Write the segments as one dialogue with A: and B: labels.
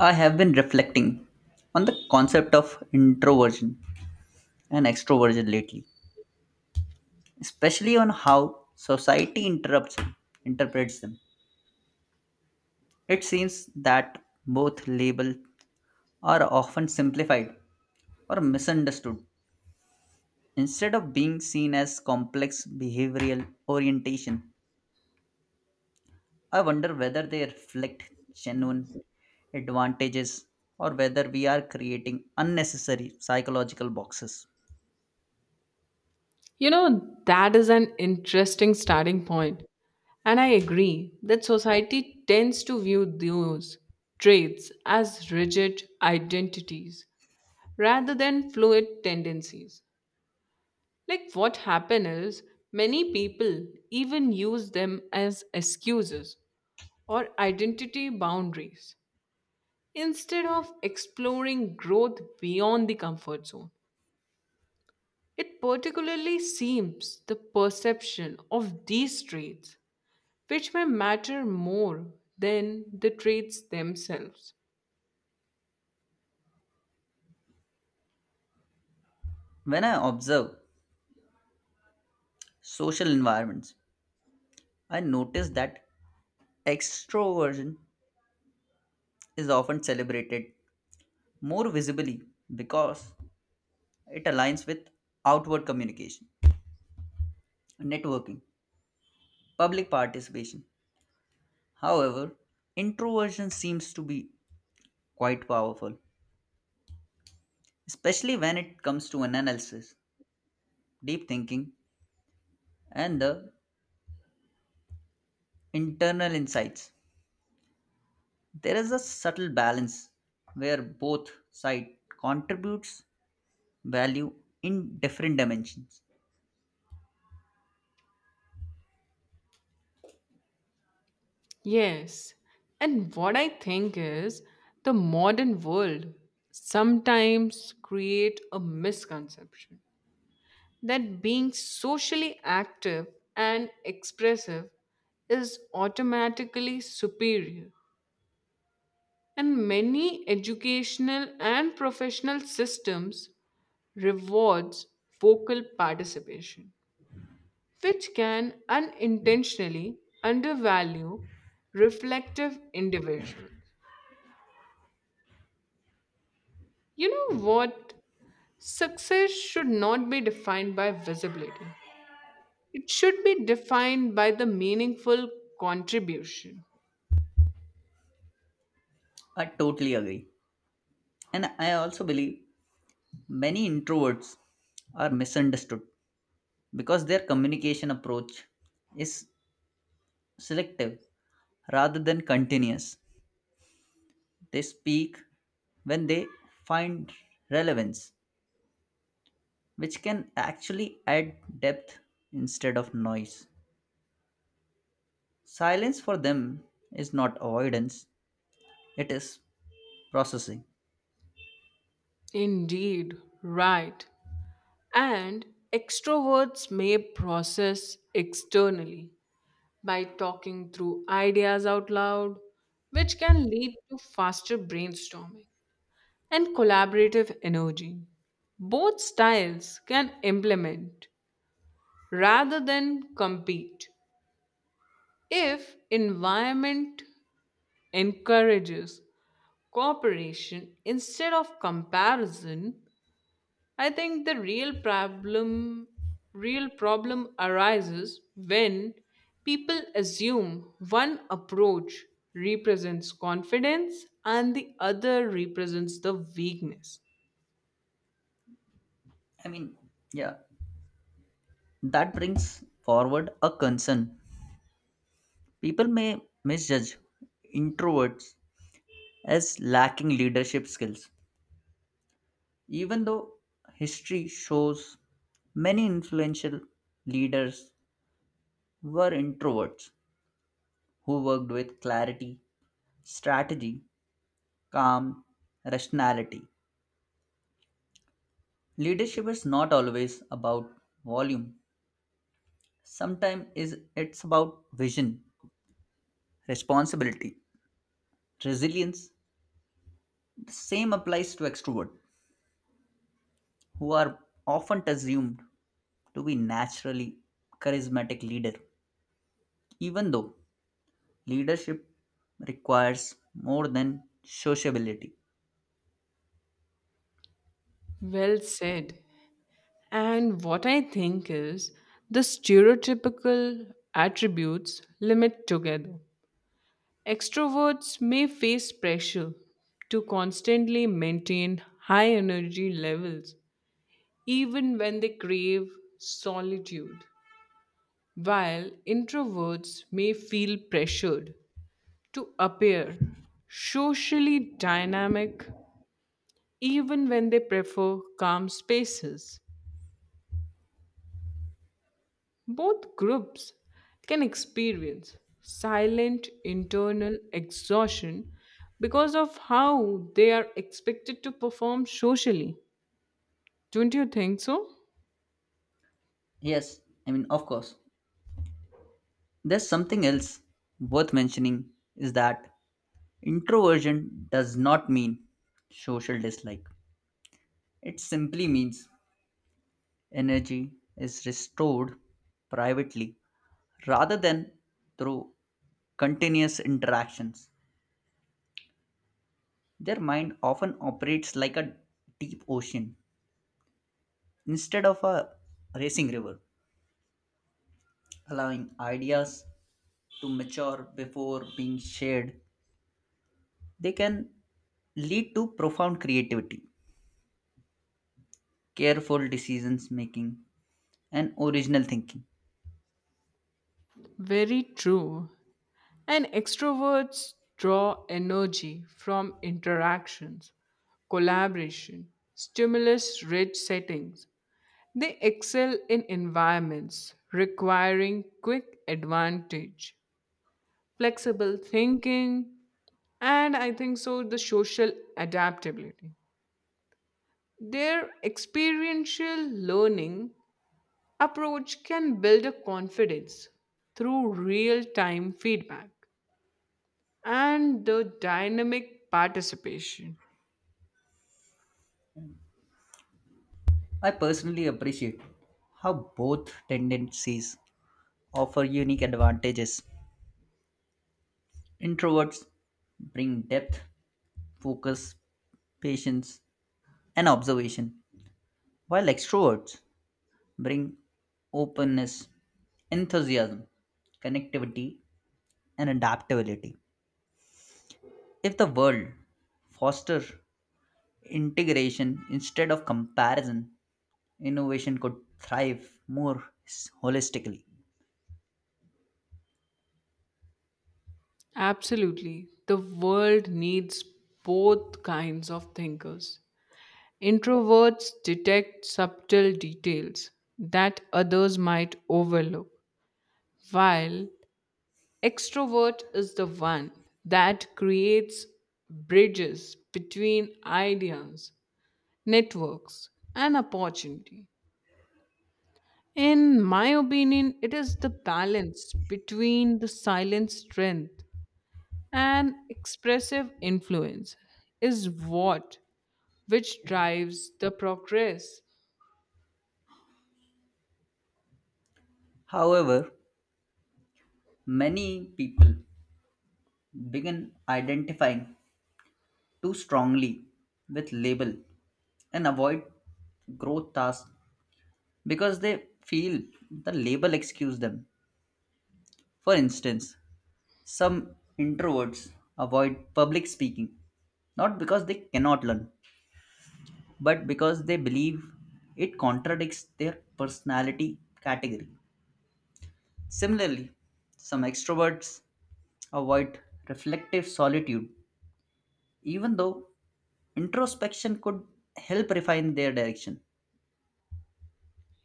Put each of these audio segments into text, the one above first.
A: I have been reflecting on the concept of introversion and extroversion lately, especially on how society interrupts interprets them. It seems that both labels are often simplified or misunderstood instead of being seen as complex behavioral orientation. I wonder whether they reflect genuine advantages or whether we are creating unnecessary psychological boxes.
B: You know, that is an interesting starting point. And I agree that society tends to view those traits as rigid identities rather than fluid tendencies. Like what happened is many people even use them as excuses or identity boundaries instead of exploring growth beyond the comfort zone. It particularly seems the perception of these traits which may matter more than the traits themselves.
A: When I observe social environments, I noticed that extroversion is often celebrated more visibly because it aligns with outward communication, networking, public participation. However, introversion seems to be quite powerful, especially when it comes to an analysis, deep thinking, and the internal insights. There is a subtle balance where both side contributes value in different dimensions.
B: Yes, and what I think is the modern world sometimes create a misconception that being socially active and expressive is automatically superior and many educational and professional systems rewards vocal participation which can unintentionally undervalue reflective individuals. You know what? Success should not be defined by visibility, it should be defined by the meaningful contribution.
A: I totally agree. And I also believe many introverts are misunderstood because their communication approach is selective rather than continuous. They speak when they find relevance, which can actually add depth instead of noise. Silence for them is not avoidance, it is processing.
B: Indeed, right. And extroverts may process externally by talking through ideas out loud, which can lead to faster brainstorming and collaborative energy. Both styles can implement rather than compete if environment encourages cooperation instead of comparison. I think the real problem arises when people assume one approach represents confidence and the other represents the weakness.
A: I mean, yeah, that brings forward a concern. People may misjudge introverts as lacking leadership skills, even though history shows many influential leaders were introverts who worked with clarity, strategy, calm, rationality. Leadership is not always about volume. Sometimes is it's about vision, responsibility, resilience. The same applies to extrovert, who are often assumed to be naturally charismatic leader even though leadership requires more than sociability.
B: Well said. And what I think is the stereotypical attributes limit together. Extroverts may face pressure to constantly maintain high energy levels, even when they crave solitude, while introverts may feel pressured to appear socially dynamic even when they prefer calm spaces. Both groups can experience silent internal exhaustion because of how they are expected to perform socially. Don't you think so?
A: Yes, of course there's something else worth mentioning is that introversion does not mean social dislike, it simply means energy is restored privately rather than through continuous interactions. Their mind often operates like a deep ocean instead of a racing river, allowing ideas to mature before being shared. They can lead to profound creativity, careful decisions making, and original thinking.
B: Very true. And extroverts draw energy from interactions, collaboration, stimulus rich settings. They excel in environments requiring quick advantage, flexible thinking, and I think so, the social adaptability. Their experiential learning approach can build a confidence through real time feedback and the dynamic participation.
A: I personally appreciate how both tendencies offer unique advantages. Introverts bring depth, focus, patience, and observation, while extroverts bring openness, enthusiasm, connectivity, and adaptability. If the world foster integration instead of comparison, innovation could thrive more holistically.
B: Absolutely. The world needs both kinds of thinkers. Introverts detect subtle details that others might overlook, while extrovert is the one that creates bridges between ideas, networks, and opportunity. In my opinion, it is the balance between the silent strength and expressive influence is what which drives the progress.
A: However, many people begin identifying too strongly with label and avoid growth tasks because they feel the label excuse them. For instance, some introverts avoid public speaking not because they cannot learn but because they believe it contradicts their personality category. Similarly, some extroverts avoid reflective solitude, even though introspection could help refine their direction.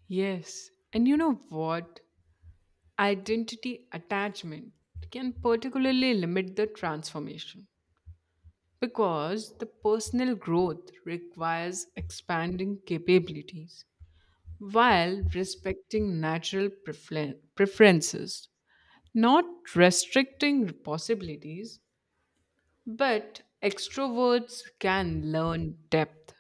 B: Yes, and you know what? Identity attachment can particularly limit the transformation. Because the personal growth requires expanding capabilities while respecting natural preferences, not restricting possibilities, but extroverts can learn depth.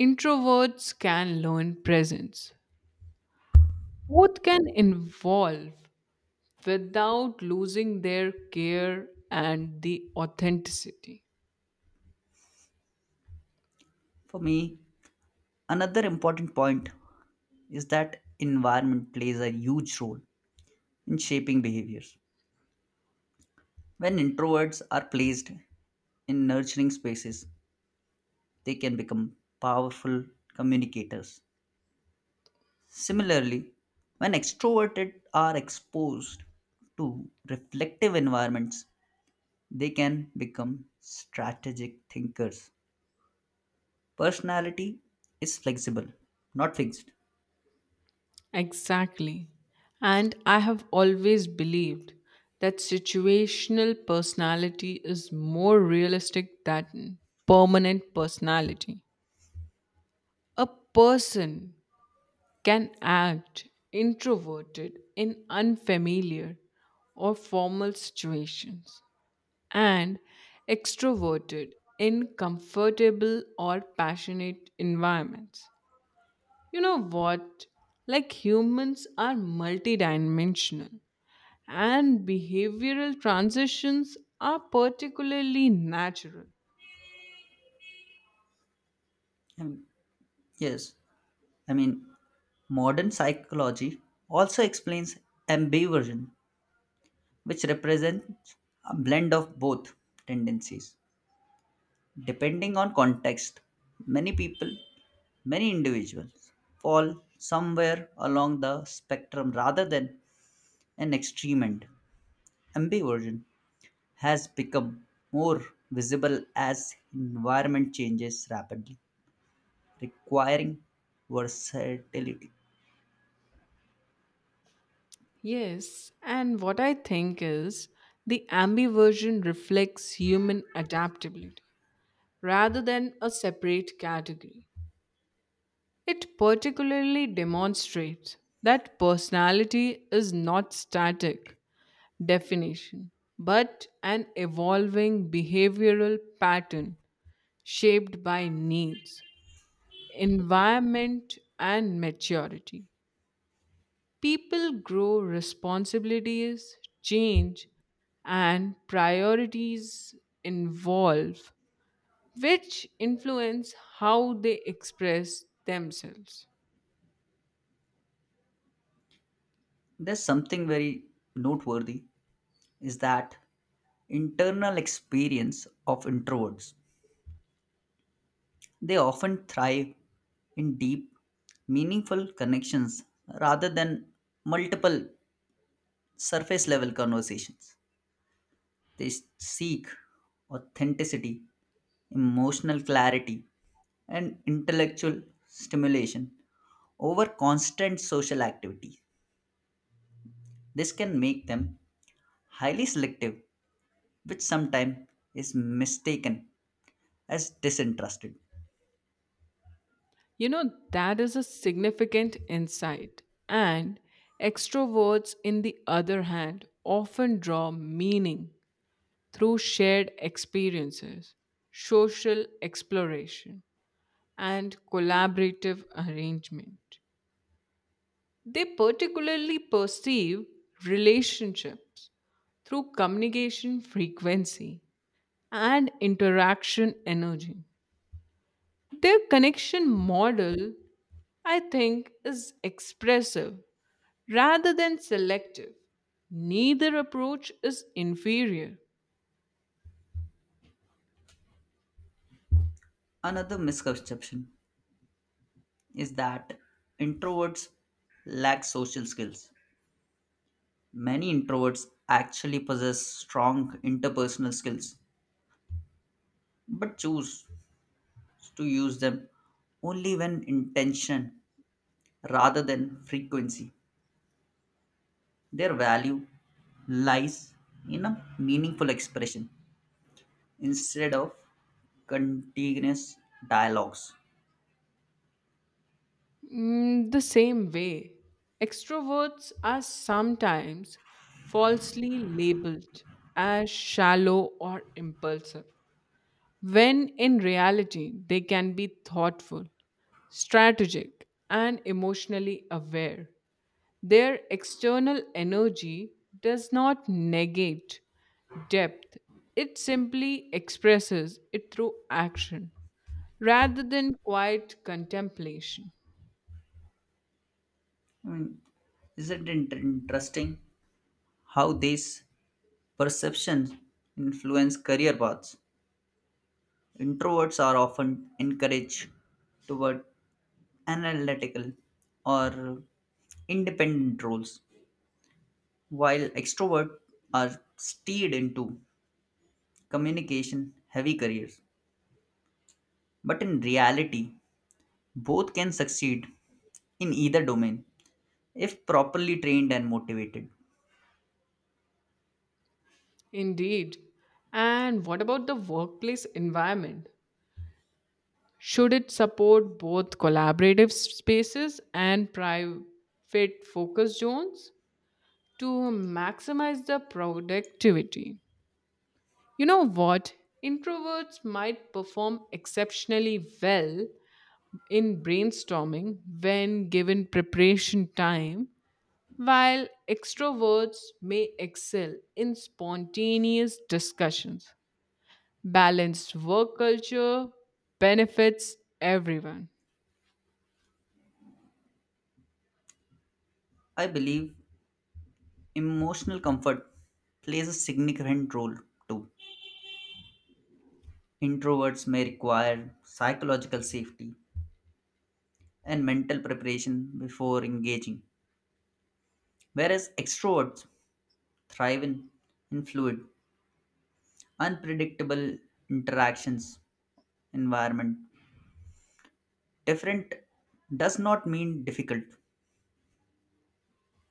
B: Introverts can learn presence. Both can evolve without losing their care and the authenticity.
A: For me, another important point is that environment plays a huge role in shaping behaviors. When introverts are placed in nurturing spaces, they can become powerful communicators. Similarly, when extroverted are exposed to reflective environments, they can become strategic thinkers. Personality is flexible, not fixed.
B: Exactly. And I have always believed that situational personality is more realistic than permanent personality. A person can act introverted in unfamiliar or formal situations and extroverted in comfortable or passionate environments. You know what? Like humans are multidimensional and behavioral transitions are particularly natural.
A: And yes, I mean, modern psychology also explains ambiversion, which represents a blend of both tendencies. Depending on context, many people, many individuals fall somewhere along the spectrum rather than an extreme end. Ambiversion has become more visible as environment changes rapidly, requiring versatility.
B: Yes, and what I think is the ambiversion reflects human adaptability rather than a separate category. It particularly demonstrates that personality is not static definition but an evolving behavioral pattern shaped by needs environment and maturity. People grow responsibilities, change, and priorities involve, which influence how they express themselves.
A: There's something very noteworthy is that internal experience of introverts. They often thrive in deep, meaningful connections rather than multiple surface level conversations. They seek authenticity, emotional clarity, and intellectual stimulation over constant social activity. This can make them highly selective, which sometimes is mistaken as disinterested.
B: You know, that is a significant insight. And extroverts, in the other hand, often draw meaning through shared experiences, social exploration, and collaborative arrangement. They particularly perceive relationships through communication frequency and interaction energy. Their connection model, I think, is expressive rather than selective. Neither approach is inferior.
A: Another misconception is that introverts lack social skills. Many introverts actually possess strong interpersonal skills but choose to use them only when intention rather than frequency. Their value lies in a meaningful expression instead of continuous dialogues.
B: Mm, the same way, extroverts are sometimes falsely labeled as shallow or impulsive, when in reality they can be thoughtful, strategic, and emotionally aware. Their external energy does not negate depth, it simply expresses it through action rather than quiet contemplation.
A: I mean, isn't it interesting how these perceptions influence career paths? Introverts are often encouraged toward analytical or independent roles, while extroverts are steered into communication heavy careers. But in reality, both can succeed in either domain if properly trained and motivated.
B: Indeed. And what about the workplace environment? Should it support both collaborative spaces and private focus zones to maximize the productivity? You know what? Introverts might perform exceptionally well in brainstorming when given preparation time, while extroverts may excel in spontaneous discussions. Balanced work culture benefits everyone.
A: I believe emotional comfort plays a significant role too. Introverts may require psychological safety and mental preparation before engaging. Whereas extroverts thrive in fluid, unpredictable interactions environment. Different does not mean difficult.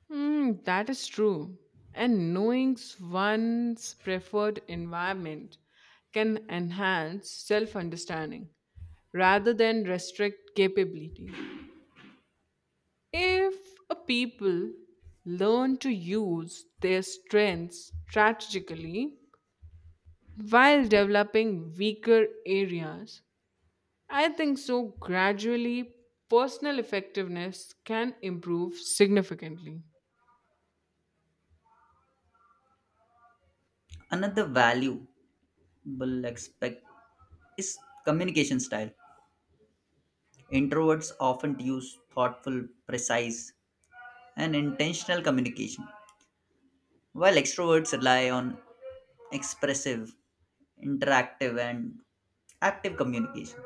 B: Hmm, that is true. And knowing one's preferred environment can enhance self understanding rather than restrict capability. If a people learn to use their strengths strategically while developing weaker areas, I think so. Gradually, personal effectiveness can improve significantly.
A: Another valuable aspect is communication style. Introverts often use thoughtful, precise, and intentional communication, while extroverts rely on expressive, interactive, and active communication.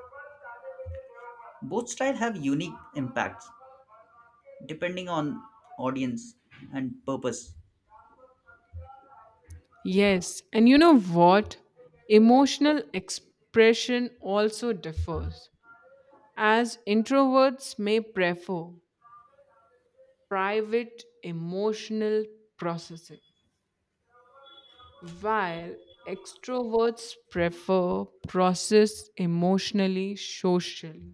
A: Both style have unique impacts depending on audience and purpose.
B: Yes, and you know what? Emotional expression also differs, as introverts may prefer private emotional processing, while extroverts prefer process emotionally socially.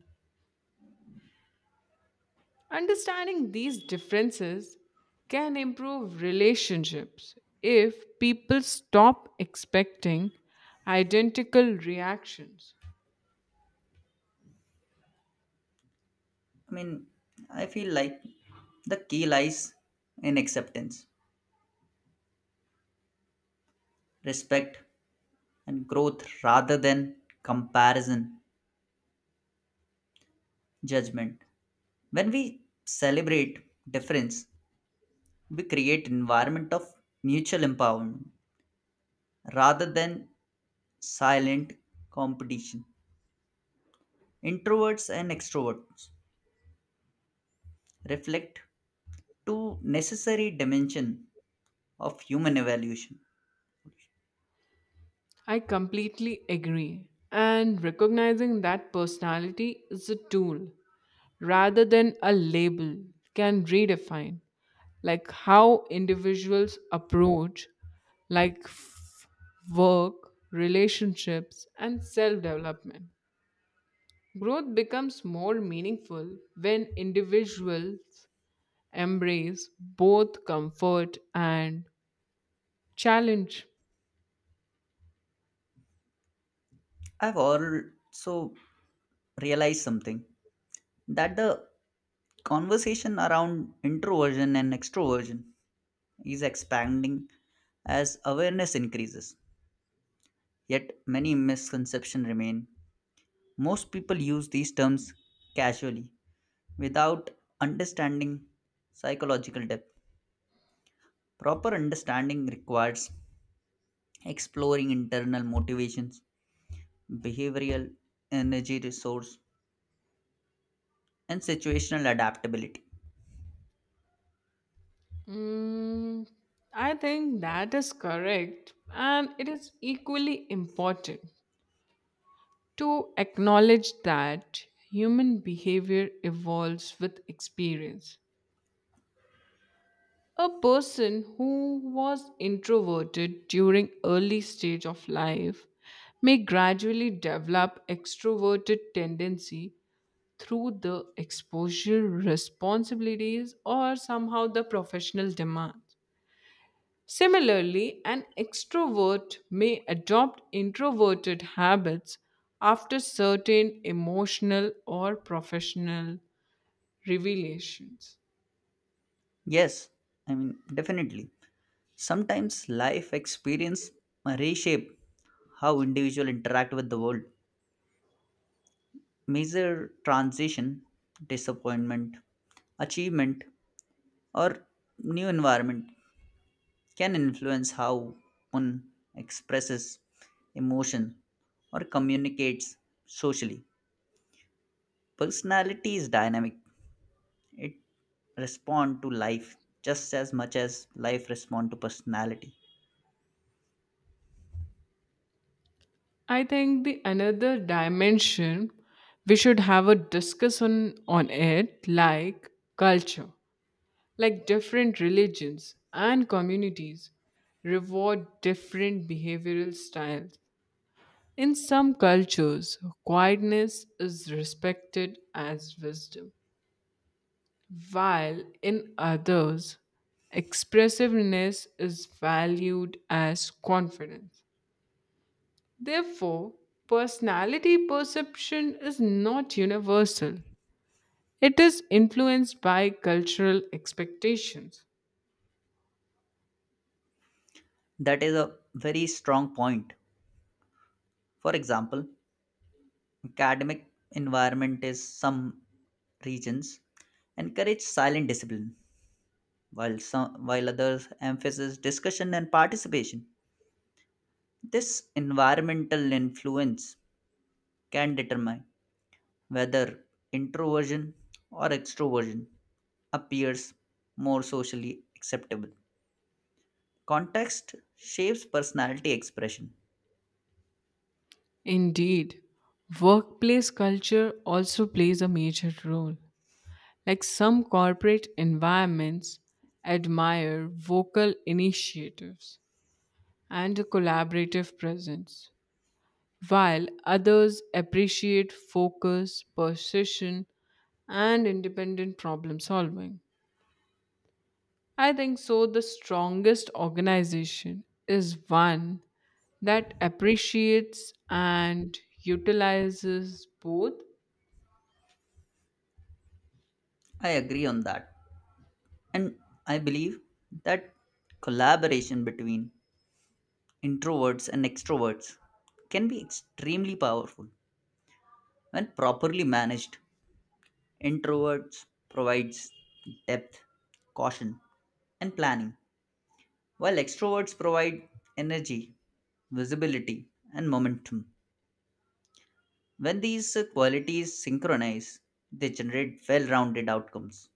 B: Understanding these differences can improve relationships if people stop expecting identical reactions.
A: I mean, I feel like the key lies in acceptance, respect, and growth rather than comparison, judgment. When we celebrate difference, we create environment of mutual empowerment rather than silent competition. Introverts and extroverts reflect two necessary dimension of human evaluation.
B: I completely agree. And recognizing that personality is a tool rather than a label can redefine like how individuals approach like f- work relationships and self development. Growth becomes more meaningful when individuals embrace both comfort and challenge.
A: I've also realized something that the conversation around introversion and extroversion is expanding as awareness increases. Yet many misconceptions remain. Most people use these terms casually without understanding psychological depth. Proper understanding requires exploring internal motivations, behavioral energy resource, and situational adaptability.
B: Mm, I think that is correct, and it is equally important to acknowledge that human behavior evolves with experience. A person who was introverted during early stage of life may gradually develop extroverted tendency through the exposure responsibilities or somehow the professional demands. Similarly, an extrovert may adopt introverted habits after certain emotional or professional revelations.
A: Yes, definitely. Sometimes life experience reshape how individual interact with the world. Major transition, disappointment, achievement, or new environment can influence how one expresses emotion or communicates socially. Personality is dynamic. It respond to life just as much as life respond to personality.
B: I think the another dimension we should have a discussion on it like culture, like different religions and communities reward different behavioral styles. In some cultures, quietness is respected as wisdom, while in others, expressiveness is valued as confidence. Therefore, personality perception is not universal, it is influenced by cultural expectations.
A: That is a very strong point. For example, academic environment is some regions encourage silent discipline, while some while others emphasize discussion and participation. This environmental influence can determine whether introversion or extroversion appears more socially acceptable. Context shapes personality expression.
B: Indeed, workplace culture also plays a major role. Like some corporate environments admire vocal initiatives and a collaborative presence, while others appreciate focus, precision, and independent problem solving. I think so. The strongest organization is one that appreciates and utilizes both.
A: I agree on that. And I believe that collaboration between introverts and extroverts can be extremely powerful when properly managed. Introverts provides depth, caution, and planning, while extroverts provide energy, visibility, and momentum. When these qualities synchronize, they generate well rounded outcomes.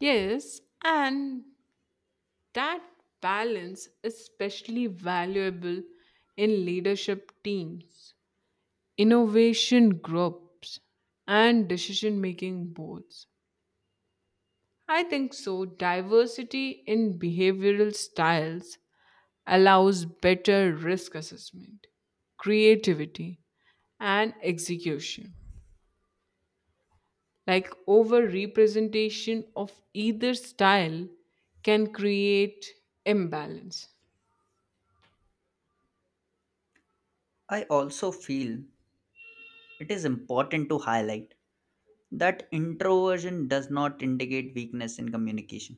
B: Yes, and that balance is especially valuable in leadership teams, innovation groups, and decision making boards. I think so. Diversity in behavioral styles allows better risk assessment, creativity, and execution. Like over representation of either style can create imbalance.
A: I also feel it is important to highlight that introversion does not indicate weakness in communication.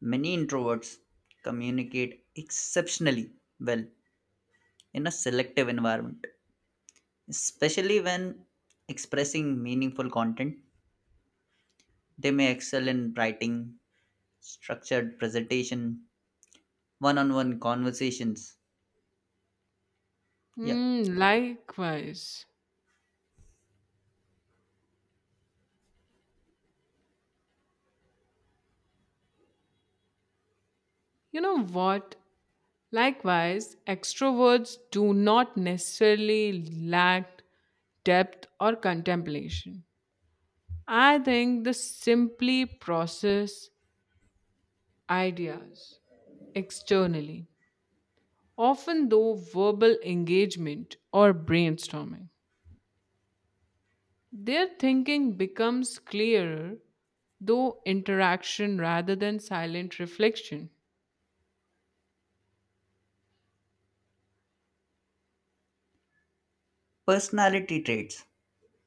A: Many introverts communicate exceptionally well in a selective environment, especially when expressing meaningful content. They may excel in writing, structured presentation, one on one conversations. Yeah.
B: Hmm, likewise, you know what? Likewise, extroverts do not necessarily lack depth or contemplation. I think they simply process ideas externally often though verbal engagement or brainstorming. Their thinking becomes clearer though interaction rather than silent reflection.
A: Personality traits,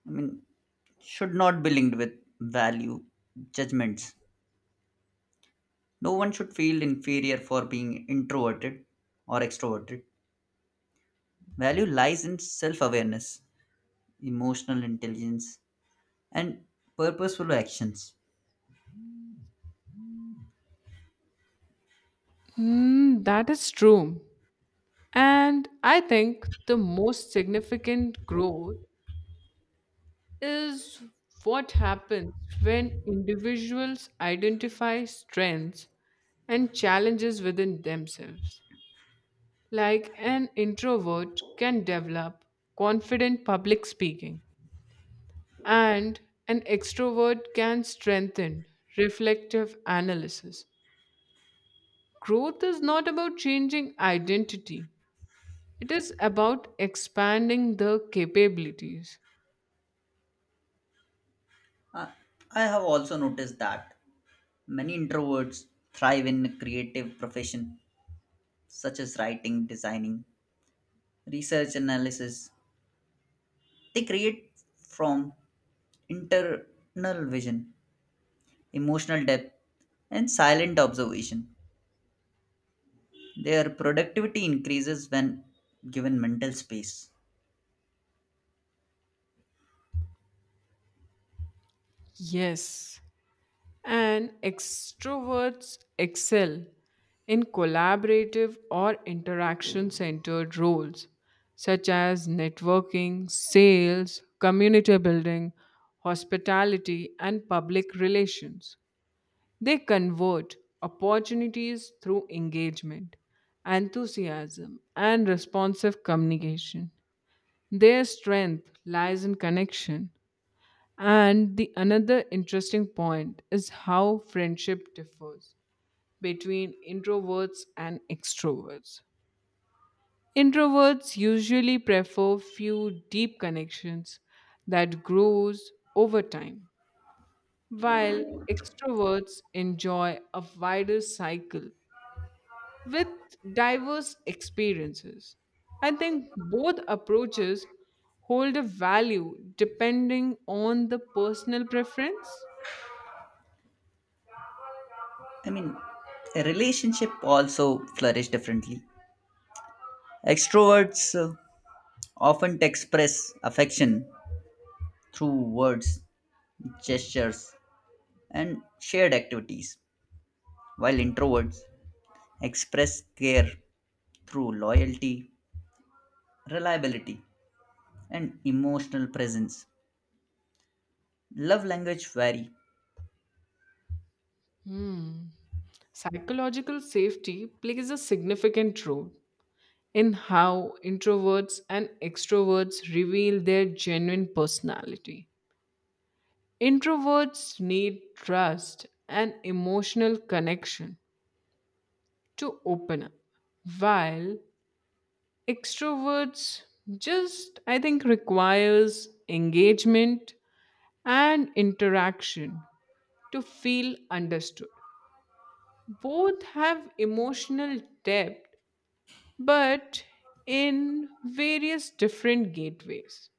A: I mean, should not be linked with value judgments. No one should feel inferior for being introverted or extroverted. Value lies in self awareness, emotional intelligence, and purposeful actions.
B: Mm, that is true. And I think the most significant growth is what happens when individuals identify strengths and challenges within themselves. Like an introvert can develop confident public speaking, and an extrovert can strengthen reflective analysis. Growth is not about changing identity, it is about expanding the capabilities.
A: I I have also noticed that many introverts thrive in creative profession such as writing, designing, research analysis. They create from internal vision, emotional depth, and silent observation. Their productivity increases when given mental space.
B: Yes, and extroverts excel in collaborative or interaction centered roles such as networking, sales, community building, hospitality, and public relations. They convert opportunities through engagement, enthusiasm, and responsive communication. Their strength lies in connection, and the another interesting point is how friendship differs between introverts and extroverts. Introverts usually prefer few deep connections that grows over time, while extroverts enjoy a wider cycle with diverse experiences. I think both approaches hold a value depending on the personal preference.
A: I mean, a relationship also flourish differently. Extroverts often express affection through words, gestures, and shared activities, while introverts express care through loyalty, reliability, and emotional presence. Love language vary,
B: Hmm. Psychological safety plays a significant role in how introverts and extroverts reveal their genuine personality. Introverts need trust and emotional connection to open up, while extroverts just, I think, requires engagement and interaction to feel understood. Both have emotional depth but in various different gateways.